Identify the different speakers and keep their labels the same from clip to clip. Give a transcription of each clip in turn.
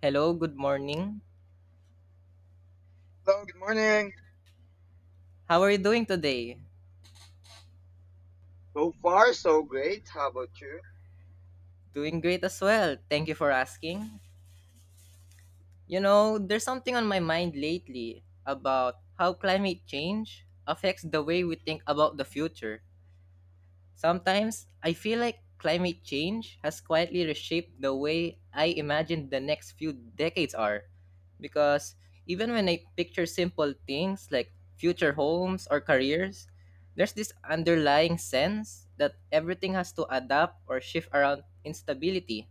Speaker 1: Hello, good morning.
Speaker 2: Hello, good morning.
Speaker 1: How are you doing today?
Speaker 2: So far, so great. How about you?
Speaker 1: Doing great as well. Thank you for asking. You know, there's something on my mind lately about how climate change affects the way we think about the future. Sometimes I feel like climate change has quietly reshaped the way I imagine the next few decades are. Because even when I picture simple things like future homes or careers, there's this underlying sense that everything has to adapt or shift around instability.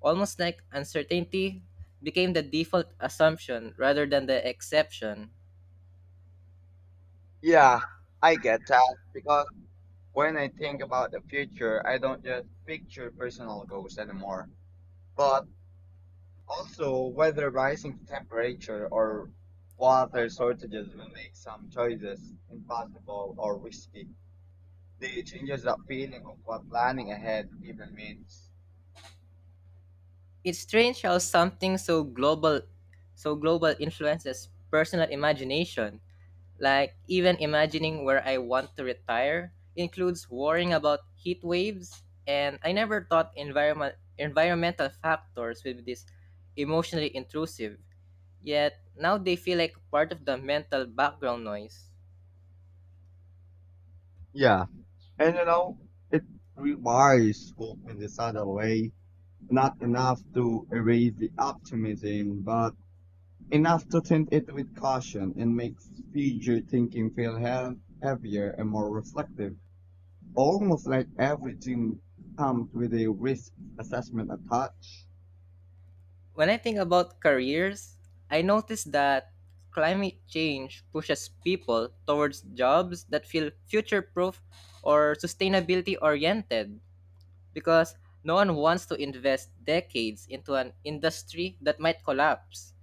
Speaker 1: Almost like uncertainty became the default assumption rather than the exception.
Speaker 2: Yeah, I get that because when I think about the future, I don't just picture personal goals anymore, but also whether rising temperature or water shortages will make some choices impossible or risky. They changes the feeling of what planning ahead even means.
Speaker 1: It's strange how something so global influences personal imagination. Like even imagining where I want to retire includes worrying about heat waves, and I never thought environmental factors would be this emotionally intrusive. Yet now they feel like part of the mental background noise.
Speaker 2: Yeah, and you know, it requires hope in the subtle way. Not enough to erase the optimism, but enough to tint it with caution and make future thinking feel heavier and more reflective. Almost like every dream comes with a risk assessment attached.
Speaker 1: When I think about careers, I notice that climate change pushes people towards jobs that feel future proof or sustainability oriented because no one wants to invest decades into an industry that might collapse.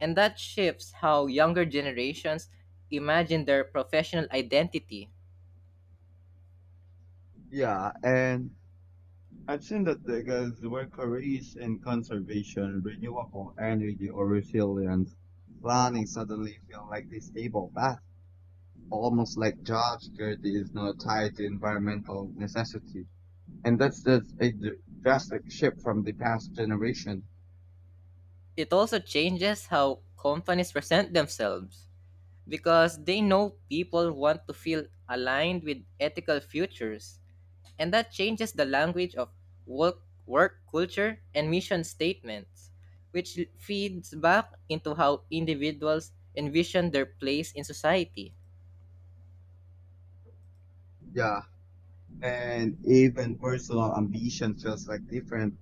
Speaker 1: And that shifts how younger generations imagine their professional identity.
Speaker 2: Yeah, and I've seen that because where careers in conservation, renewable energy, or resilience, planning suddenly feel like the stable path, almost like job security is now tied to environmental necessity. And that's just a drastic shift from the past generation.
Speaker 1: It also changes how companies present themselves because they know people want to feel aligned with ethical futures, and that changes the language of work culture and mission statements, which feeds back into how individuals envision their place in society.
Speaker 2: Yeah, and even personal ambition feels like different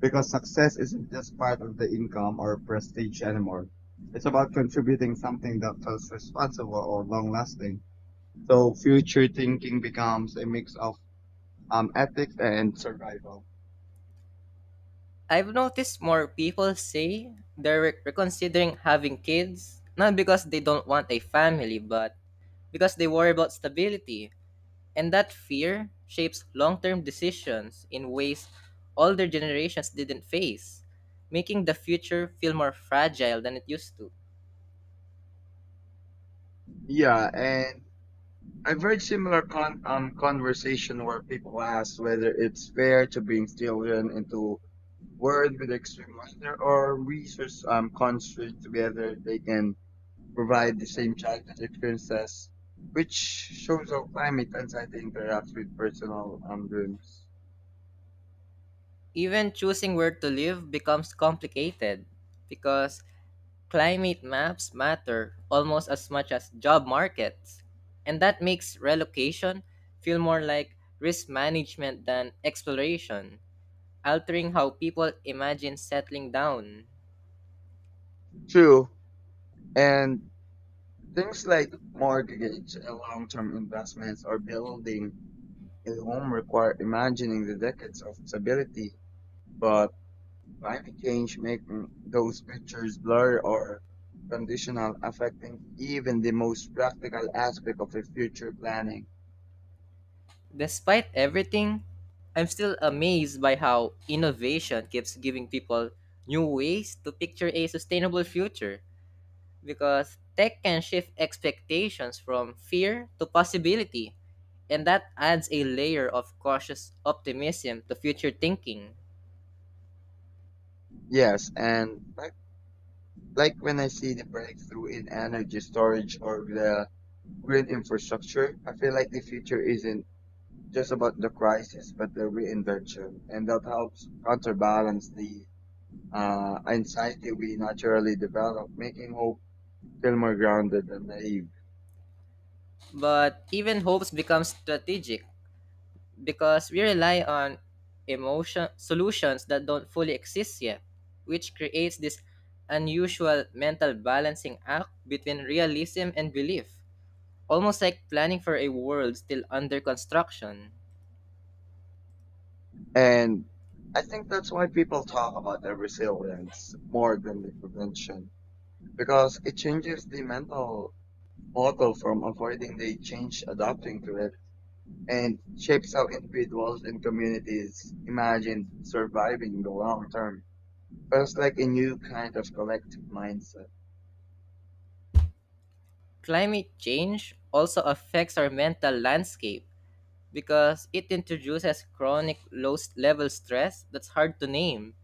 Speaker 2: because success isn't just part of the income or prestige anymore. It's about contributing something that feels responsible or long lasting. So future thinking becomes a mix of ethics and survival.
Speaker 1: I've noticed more people say reconsidering having kids, not because they don't want a family, but because they worry about stability. And that fear shapes long term decisions in ways older generations didn't face, making the future feel more fragile than it used to.
Speaker 2: Yeah, and I've heard similar conversation where people ask whether it's fair to bring children into world with extreme weather or research constrained together, they can provide the same challenge experiences, which shows how climate anxiety interacts with personal dreams.
Speaker 1: Even choosing where to live becomes complicated because climate maps matter almost as much as job markets. And that makes relocation feel more like risk management than exploration, altering how people imagine settling down.
Speaker 2: True. And things like mortgage, long-term investments, or building a home require imagining the decades of stability, but climate change making those pictures blurry or conditional, affecting even the most practical aspect of the future planning.
Speaker 1: Despite everything, I'm still amazed by how innovation keeps giving people new ways to picture a sustainable future because tech can shift expectations from fear to possibility, and that adds a layer of cautious optimism to future thinking.
Speaker 2: Yes, and like when I see the breakthrough in energy storage or the green infrastructure, I feel like the future isn't just about the crisis, but the reinvention, and that helps counterbalance the anxiety we naturally develop, making hope feel more grounded and naive.
Speaker 1: But even hopes become strategic because we rely on emotion solutions that don't fully exist yet, which creates this unusual mental balancing act between realism and belief, almost like planning for a world still under construction.
Speaker 2: And I think that's why people talk about the resilience more than the prevention because it changes the mental model from avoiding the change adapting to it and shapes how individuals and communities imagine surviving the long term. It's like a new kind of collective mindset.
Speaker 1: Climate change also affects our mental landscape because it introduces chronic level stress that's hard to name.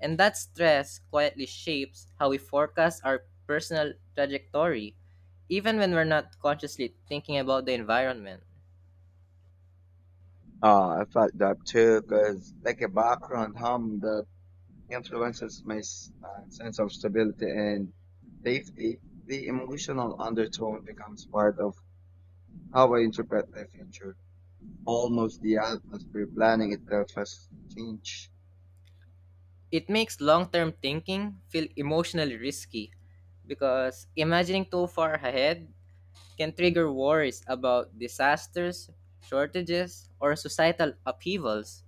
Speaker 1: And that stress quietly shapes how we forecast our personal trajectory, even when we're not consciously thinking about the environment.
Speaker 2: I felt that too, cause like a background hum that influences my sense of stability and safety, the emotional undertone becomes part of how I interpret the future. Almost the atmosphere planning itself has changed.
Speaker 1: It makes long term thinking feel emotionally risky because imagining too far ahead can trigger worries about disasters, shortages, or societal upheavals,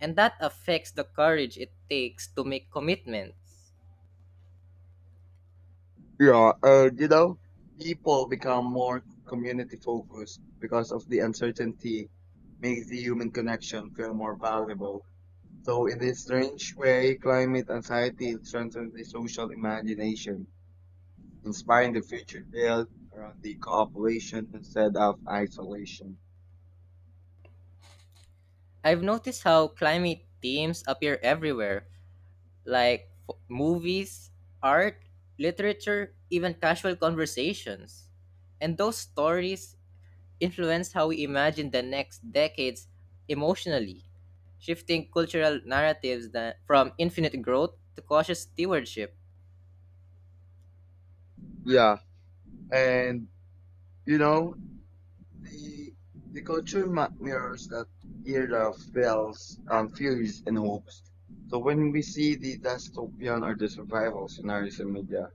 Speaker 1: and that affects the courage it takes to make commitments.
Speaker 2: Yeah, you know, people become more community focused because of the uncertainty makes the human connection feel more valuable. So in this strange way, climate anxiety strengthens the social imagination inspiring the future built around the cooperation instead of isolation.
Speaker 1: I've noticed how climate themes appear everywhere, like movies, art, literature, even casual conversations. And those stories influence how we imagine the next decades emotionally, shifting cultural narratives that, from infinite growth to cautious stewardship.
Speaker 2: Yeah, and you know the the mirrors that era of fears, fears and hopes. So when we see the dystopian or the survival scenarios in media,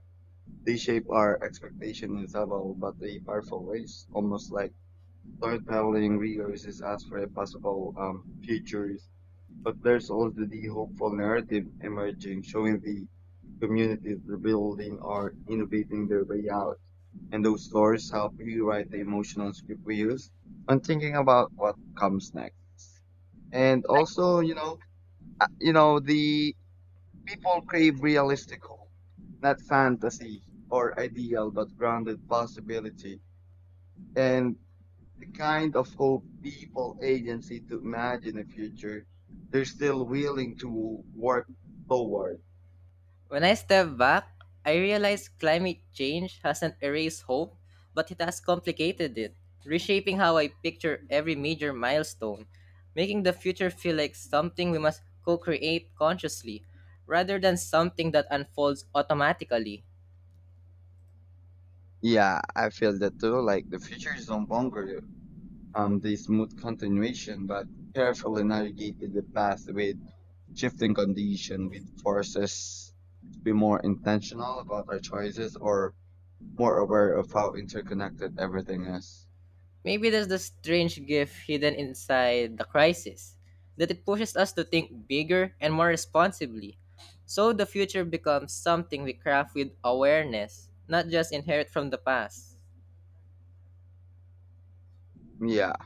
Speaker 2: they shape our expectation in subtle but a powerful ways, almost like storytelling rehearses us for a possible future. But there's also the hopeful narrative emerging, showing the communities rebuilding or innovating their way out. And those stories help rewrite the emotional script we use when thinking about what comes next. And also, you know, the people crave realistic hope, not fantasy or ideal, but grounded possibility. And the kind of hope people agency to imagine a future they're still willing to work toward.
Speaker 1: When I step back, I realize climate change hasn't erased hope, but it has complicated it, reshaping how I picture every major milestone, making the future feel like something we must co create consciously, rather than something that unfolds automatically.
Speaker 2: Yeah, I feel that too. Like the future is no longer the smooth continuation, but carefully navigated the past with shifting condition, with forces to be more intentional about our choices or more aware of how interconnected everything is.
Speaker 1: Maybe there's the strange gift hidden inside the crisis, that it pushes us to think bigger and more responsibly. So the future becomes something we craft with awareness, not just inherit from the past.
Speaker 2: Yeah.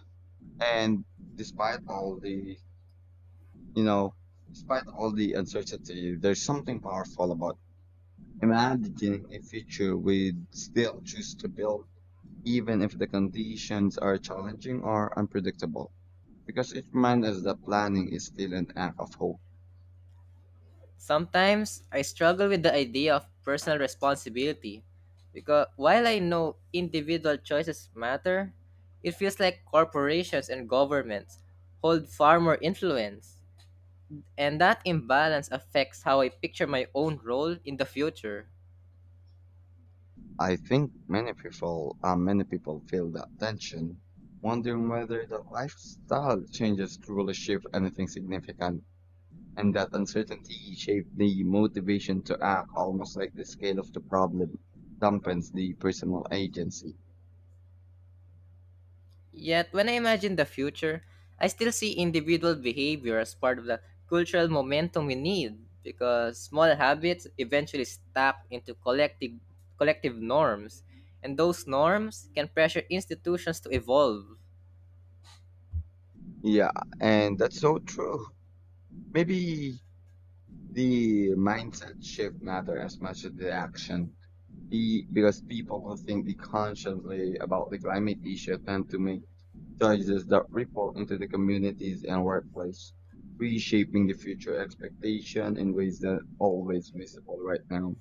Speaker 2: And despite all the You know, despite all the uncertainty, there's something powerful about imagining a future we'd still choose to build, even if the conditions are challenging or unpredictable. Because it reminds us that planning is still an act of hope.
Speaker 1: Sometimes I struggle with the idea of personal responsibility because while I know individual choices matter, it feels like corporations and governments hold far more influence, and that imbalance affects how I picture my own role in the future.
Speaker 2: I think many people feel that tension, wondering whether the lifestyle changes truly shift anything significant. And that uncertainty shaped the motivation to act almost like the scale of the problem dampens the personal agency.
Speaker 1: Yet, when I imagine the future, I still see individual behavior as part of the cultural momentum we need because small habits eventually stack into collective norms, and those norms can pressure institutions to evolve.
Speaker 2: Yeah, and that's so true. Maybe the mindset shift matter as much as the action. Be because people who think the consciously about the climate issue tend to make choices that ripple into the communities and workplace, reshaping the future expectation in ways that always visible right now.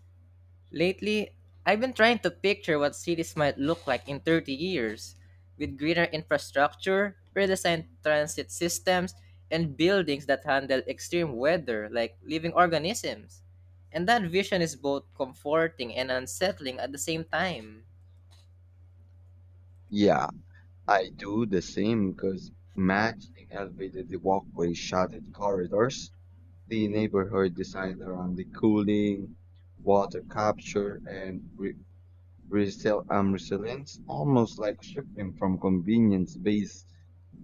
Speaker 1: Lately, I've been trying to picture what cities might look like in 30 years, with greener infrastructure, redesigned transit systems, and buildings that handle extreme weather like living organisms. And that vision is both comforting and unsettling at the same time.
Speaker 2: Yeah. I do the same because matching elevated the walkways, shaded corridors, the neighborhood designed around the cooling, water capture, and resilience, almost like shifting from convenience based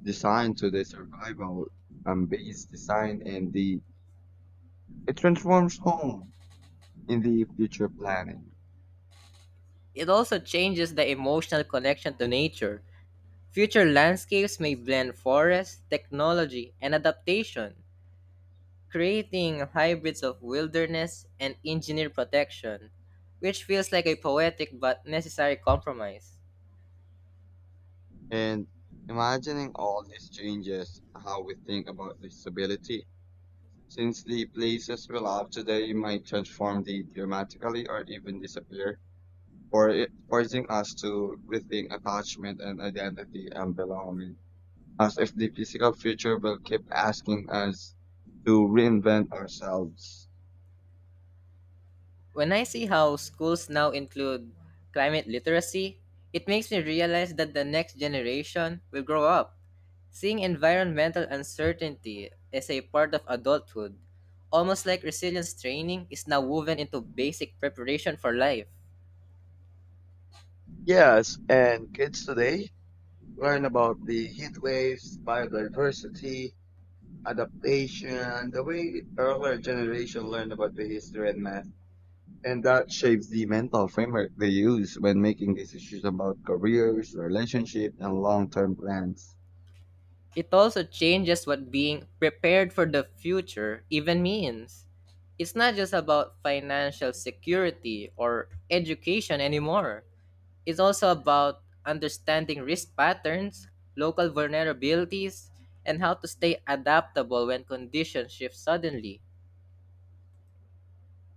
Speaker 2: design to the survival based design, and the it transforms home in the future planning.
Speaker 1: It also changes the emotional connection to nature. Future landscapes may blend forest, technology, and adaptation, creating hybrids of wilderness and engineer protection, which feels like a poetic but necessary compromise.
Speaker 2: And imagining all these changes, how we think about disability since the places we love today might transform the dramatically or even disappear, forcing us to rethink attachment and identity and belonging, as if the physical future will keep asking us to reinvent ourselves.
Speaker 1: When I see how schools now include climate literacy, it makes me realize that the next generation will grow up seeing environmental uncertainty as a part of adulthood, almost like resilience training is now woven into basic preparation for life.
Speaker 2: Yes, and kids today learn about the heat waves, biodiversity, adaptation, the way earlier generation learned about the history and math. And that shapes the mental framework they use when making decisions about careers, relationships, and long-term plans.
Speaker 1: It also changes what being prepared for the future even means. It's not just about financial security or education anymore. It's also about understanding risk patterns, local vulnerabilities, and how to stay adaptable when conditions shift suddenly.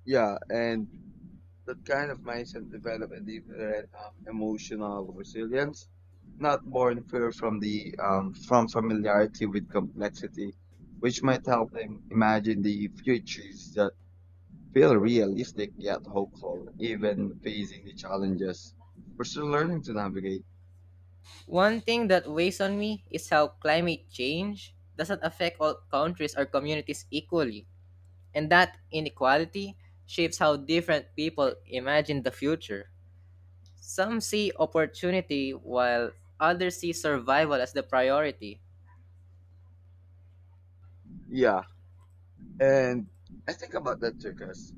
Speaker 2: Yeah, and that kind of mindset develop a different emotional resilience, not born fear from the from familiarity with complexity, which might help them imagine the futures that feel realistic yet hopeful, even facing the challenges. We're still learning to navigate.
Speaker 1: One thing that weighs on me is how climate change doesn't affect all countries or communities equally. And that inequality shapes how different people imagine the future. Some see opportunity while others see survival as the priority.
Speaker 2: Yeah, and I think about that too, 'cause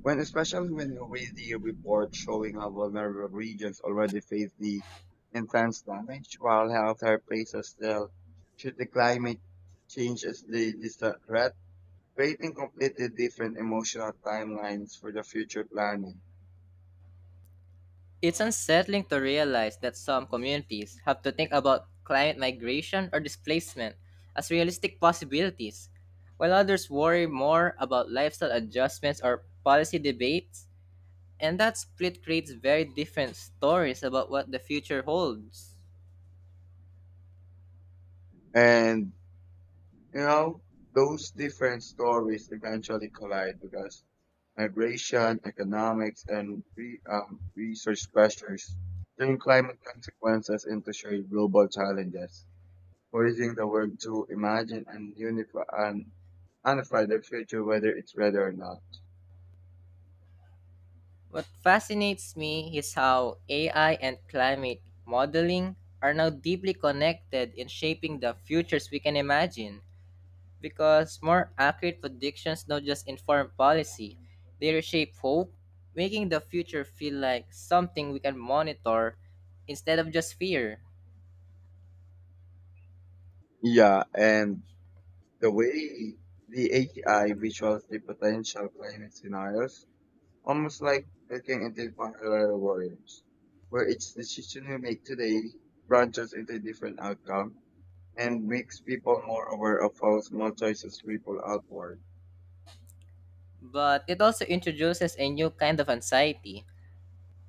Speaker 2: When especially when you read the report showing how vulnerable regions already face the intense damage, while health care places still should the climate change as the distant threat, creating completely different emotional timelines for the future planning.
Speaker 1: It's unsettling to realize that some communities have to think about climate migration or displacement as realistic possibilities, while others worry more about lifestyle adjustments or policy debates. And that split creates very different stories about what the future holds.
Speaker 2: And you know, those different stories eventually collide because migration, economics, and research pressures turn climate consequences into shared global challenges. Using the word to imagine and unify the future, whether it's ready or not.
Speaker 1: What fascinates me is how AI and climate modeling are now deeply connected in shaping the futures we can imagine because more accurate predictions don't just inform policy, they reshape hope, making the future feel like something we can monitor instead of just fear.
Speaker 2: Yeah, and the way the AKI visuals the potential climate scenarios, almost like looking into parallel worlds, where each decision we make today branches into different outcome and makes people more aware of how small choices ripple outward.
Speaker 1: But it also introduces a new kind of anxiety.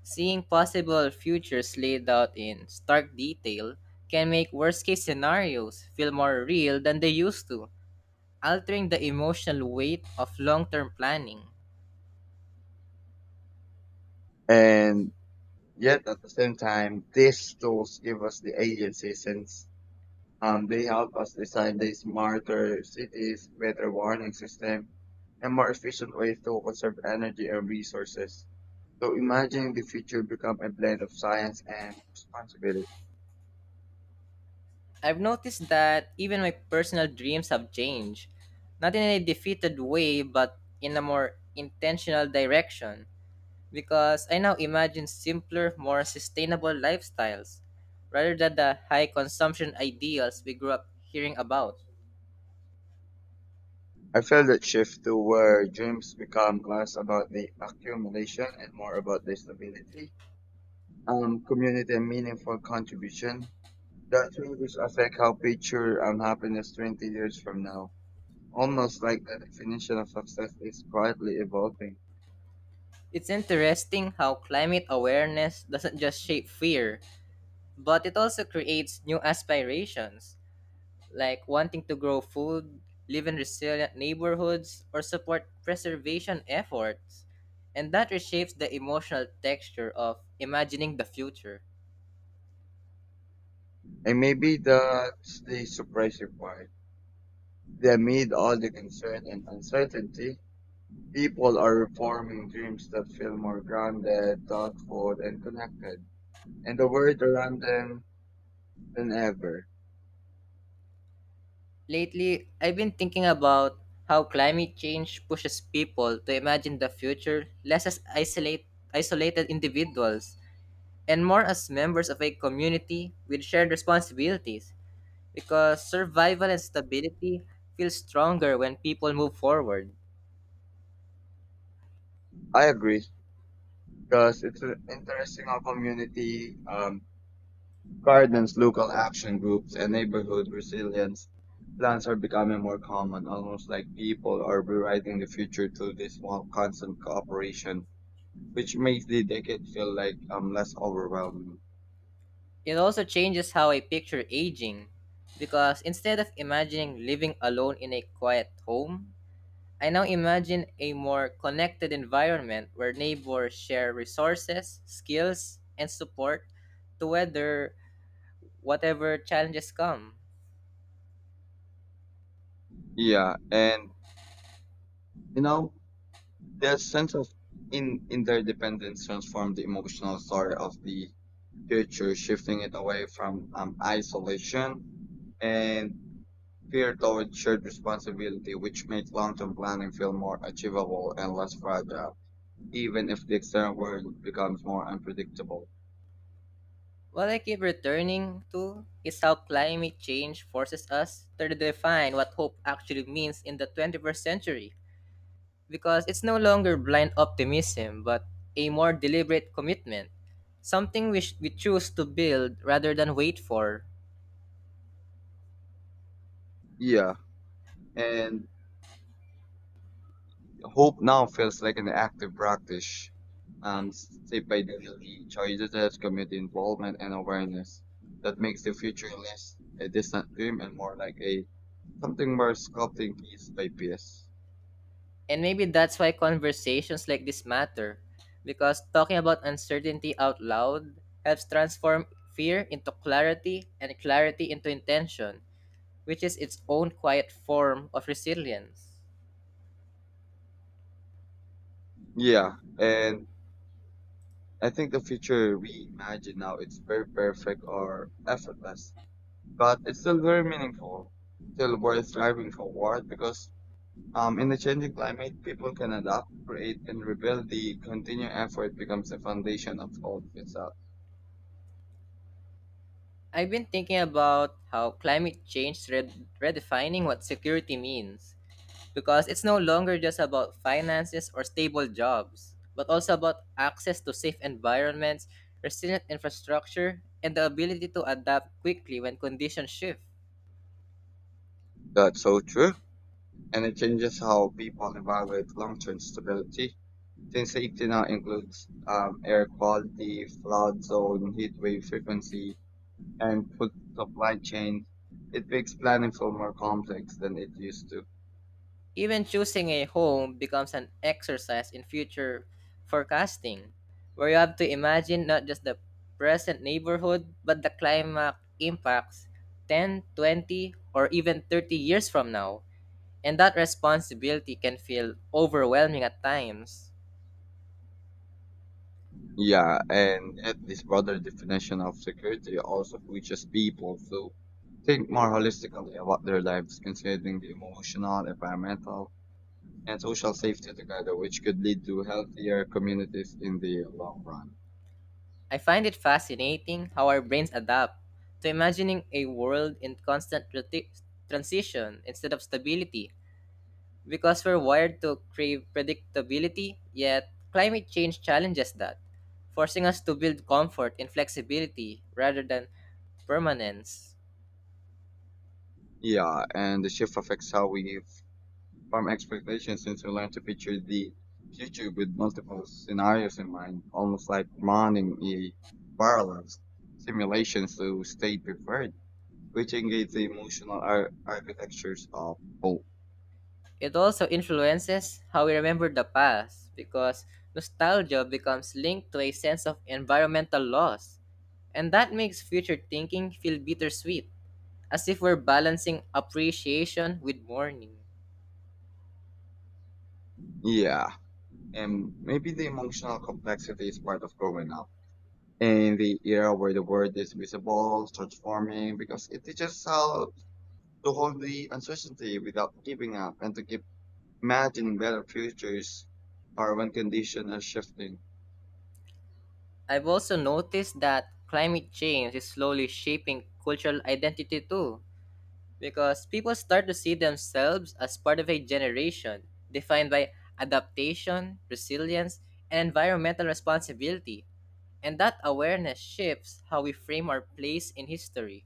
Speaker 1: Seeing possible futures laid out in stark detail can make worst case scenarios feel more real than they used to, altering the emotional weight of long term planning.
Speaker 2: And yet, at the same time, these tools give us the agency since they help us design these smarter cities, better warning system, and more efficient ways to conserve energy and resources. So imagine the future become a blend of science and responsibility.
Speaker 1: I've noticed that even my personal dreams have changed, not in a defeated way, but in a more intentional direction, because I now imagine simpler, more sustainable lifestyles rather than the high consumption ideals we grew up hearing about.
Speaker 2: I feel that shift to where dreams become less about the accumulation and more about the stability, community and meaningful contribution. That changes affect how picture happiness 20 years from now. Almost like the definition of success is quietly evolving.
Speaker 1: It's interesting how climate awareness doesn't just shape fear, but it also creates new aspirations, like wanting to grow food, live in resilient neighborhoods, or support preservation efforts. And that reshapes the emotional texture of imagining the future.
Speaker 2: And maybe that's the surprising part. That amid all the concern and uncertainty, people are reforming dreams that feel more grounded, thoughtful, and connected, and the world around them than ever.
Speaker 1: Lately, I've been thinking about how climate change pushes people to imagine the future less as isolated individuals and more as members of a community with shared responsibilities because survival and stability feel stronger when people move forward.
Speaker 2: I agree, because it's interesting how community gardens, local action groups, and neighborhood resilience plans are becoming more common, almost like people are rewriting the future through this one constant cooperation which makes the decade feel like less overwhelming.
Speaker 1: It also changes how I picture aging because instead of imagining living alone in a quiet home, I now imagine a more connected environment where neighbors share resources, skills, and support to weather whatever challenges come.
Speaker 2: Yeah, and you know that sense of in interdependence transformed the emotional story of the future, shifting it away from isolation and fear toward shared responsibility, which makes long-term planning feel more achievable and less fragile, even if the external world becomes more unpredictable.
Speaker 1: What I keep returning to is how climate change forces us to redefine what hope actually means in the 21st century, because it's no longer blind optimism but a more deliberate commitment, something which we choose to build rather than wait for.
Speaker 2: Yeah, and hope now feels like an active practice, um, shaped by daily choices, community involvement, and awareness that makes the future less a distant dream and more like a something more sculpting piece by piece.
Speaker 1: And maybe that's why conversations like this matter, because talking about uncertainty out loud helps transform fear into clarity and clarity into intention, which is its own quiet form of resilience.
Speaker 2: Yeah, and I think the future we imagine now it's very perfect or effortless, but it's still very meaningful, still worth striving forward because in the changing climate, people can adapt, create, and rebuild. The continued effort becomes the foundation of all itself.
Speaker 1: I've been thinking about how climate change redefining what security means because it's no longer just about finances or stable jobs, but also about access to safe environments, resilient infrastructure, and the ability to adapt quickly when conditions shift.
Speaker 2: That's so true. And it changes how people evaluate long-term stability, since safety now includes air quality, flood zone, heat wave frequency, and food supply chains. It makes planning feel more complex than it used to.
Speaker 1: Even choosing a home becomes an exercise in future forecasting, where you have to imagine not just the present neighborhood, but the climate impacts 10, 20, or even 30 years from now. And that responsibility can feel overwhelming at times.
Speaker 2: Yeah, and yet this broader definition of security also reaches people who think more holistically about their lives, considering the emotional, environmental, and social safety together, which could lead to healthier communities in the long run.
Speaker 1: I find it fascinating how our brains adapt to imagining a world in constant transition instead of stability, because we're wired to crave predictability, yet climate change challenges that, forcing us to build comfort in flexibility rather than permanence.
Speaker 2: Yeah, and the shift affects how we farm expectations since we learn to picture the future with multiple scenarios in mind, almost like running a parallel simulations to stay prepared, which engage the emotional architectures of hope.
Speaker 1: It also influences how we remember the past because nostalgia becomes linked to a sense of environmental loss, and that makes future thinking feel bittersweet, as if we're balancing appreciation with mourning.
Speaker 2: Yeah, and maybe the emotional complexity is part of growing up. In the era where the world is visible, transforming, because it teaches us how to hold the uncertainty without giving up and to keep imagining better futures are when conditions are shifting.
Speaker 1: I've also noticed that climate change is slowly shaping cultural identity too, because people start to see themselves as part of a generation defined by adaptation, resilience, and environmental responsibility. And that awareness shifts how we frame our place in history.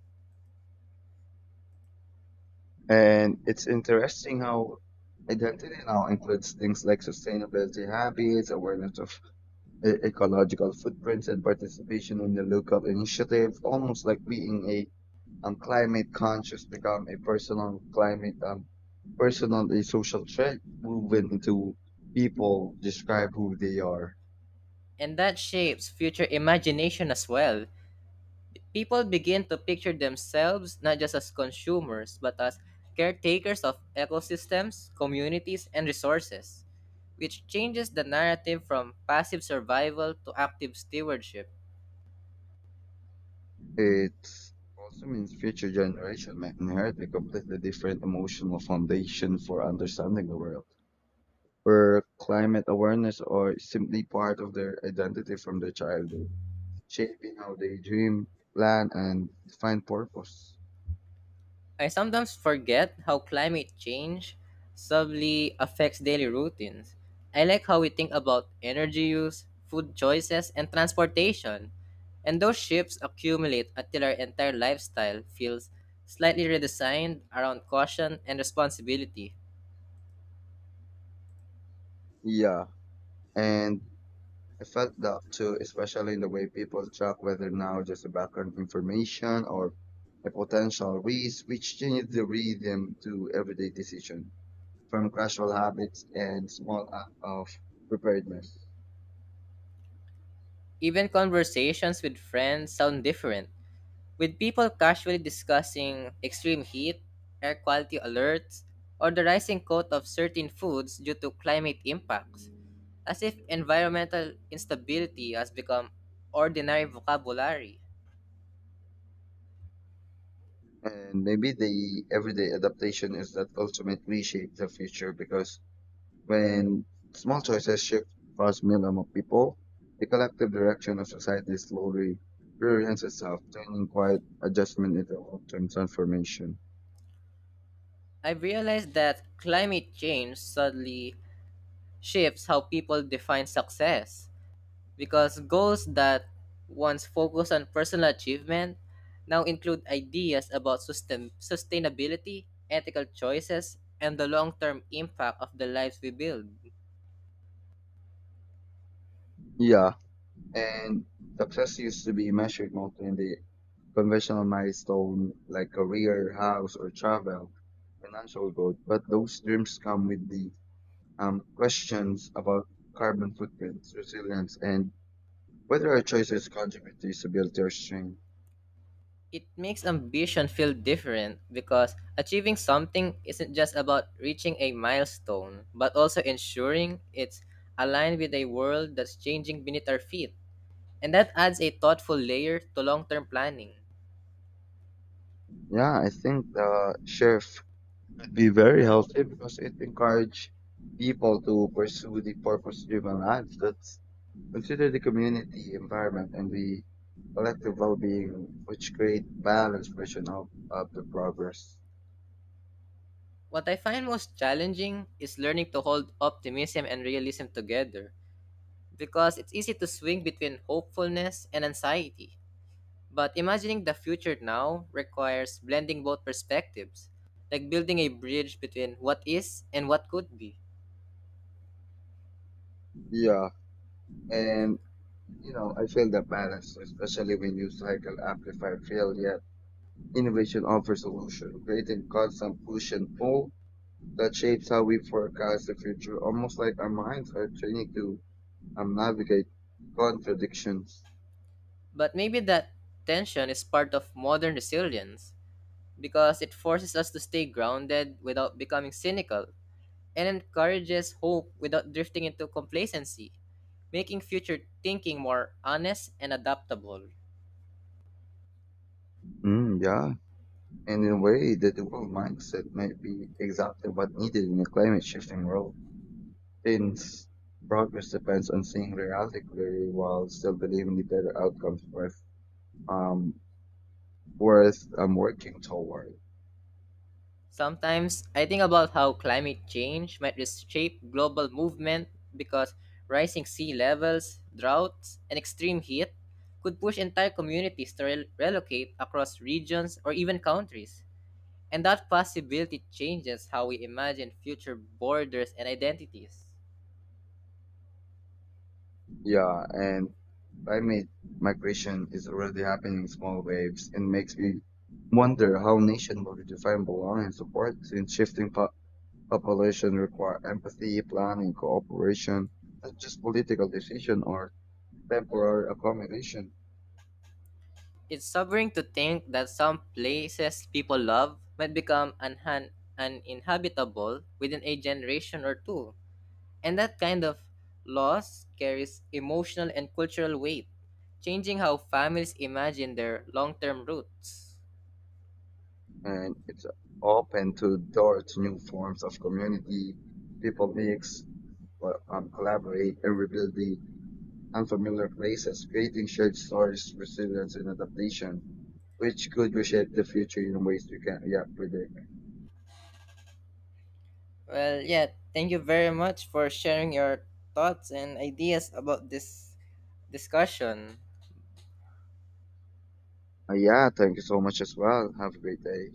Speaker 2: And it's interesting how identity now includes things like sustainability habits, awareness of ecological footprints, and participation in the local initiative, almost like being a climate conscious become a personal climate personal a social threat woven into people describe who they are.
Speaker 1: And that shapes future imagination as well. People begin to picture themselves not just as consumers, but as caretakers of ecosystems, communities, and resources, which changes the narrative from passive survival to active stewardship.
Speaker 2: It also means future generations might inherit a completely different emotional foundation for understanding the world, where climate awareness are simply part of their identity from their childhood, shaping how they dream, plan, and define purpose.
Speaker 1: I sometimes forget how climate change subtly affects daily routines. I like how we think about energy use, food choices, and transportation. And those shifts accumulate until our entire lifestyle feels slightly redesigned around caution and responsibility.
Speaker 2: Yeah, and I felt that too, especially in the way people track whether now just a background information or a potential risk, which changes the rhythm to everyday decision. From gradual habits and small act of preparedness.
Speaker 1: Even conversations with friends sound different, with people casually discussing extreme heat, air quality alerts, or the rising cost of certain foods due to climate impacts, as if environmental instability has become ordinary vocabulary.
Speaker 2: And maybe the everyday adaptation is that ultimate reshape the future because when small choices shift across millions of people, the collective direction of society slowly reorients itself, turning quiet adjustment into long-term transformation.
Speaker 1: I've realized that climate change suddenly shifts how people define success, because goals that once focused on personal achievement now include ideas about sustainability, ethical choices, and the long term impact of the lives we build.
Speaker 2: Yeah. And success used to be measured mostly in the conventional milestone like career, house, or travel, financial growth. But those dreams come with the questions about carbon footprints, resilience, and whether our choices contribute to stability or strength.
Speaker 1: It makes ambition feel different because achieving something isn't just about reaching a milestone, but also ensuring it's aligned with a world that's changing beneath our feet. And that adds a thoughtful layer to long term planning.
Speaker 2: Yeah, I think the shift could be very healthy because it encourages people to pursue the purpose-driven lives. That's consider the community, environment, and the collective well-being, which create balanced version of the progress.
Speaker 1: What I find most challenging is learning to hold optimism and realism together because it's easy to swing between hopefulness and anxiety. But imagining the future now requires blending both perspectives, like building a bridge between what is and what could be.
Speaker 2: Yeah, and you know, I feel that balance, especially when you cycle amplify fail yet innovation offers solution, creating constant push and pull that shapes how we forecast the future, almost like our minds are training to navigate contradictions.
Speaker 1: But maybe that tension is part of modern resilience because it forces us to stay grounded without becoming cynical and encourages hope without drifting into complacency, making future thinking more honest and adaptable.
Speaker 2: Yeah, and in a way, the dual mindset might be exactly what needed in a climate shifting world. Since progress depends on seeing reality clearly while still believing the better outcomes um worth working toward.
Speaker 1: Sometimes I think about how climate change might reshape global movement because rising sea levels, droughts, and extreme heat could push entire communities to relocate across regions or even countries. And that possibility changes how we imagine future borders and identities.
Speaker 2: Yeah, and climate migration is already happening in small waves and makes me wonder how nation will redefine belonging and support since population require empathy, planning, cooperation, not just political decision or temporary accommodation.
Speaker 1: It's sobering to think that some places people love might become uninhabitable within a generation or two. And that kind of loss carries emotional and cultural weight, changing how families imagine their long term roots.
Speaker 2: And it's open to door to new forms of community. People mix, collaborate, and rebuild the unfamiliar places, creating shared stories, resilience, and adaptation, which could reshape the future in ways we can't yet predict.
Speaker 1: Well, yeah, thank you very much for sharing your thoughts and ideas about this discussion.
Speaker 2: Yeah, thank you so much as well. Have a great day.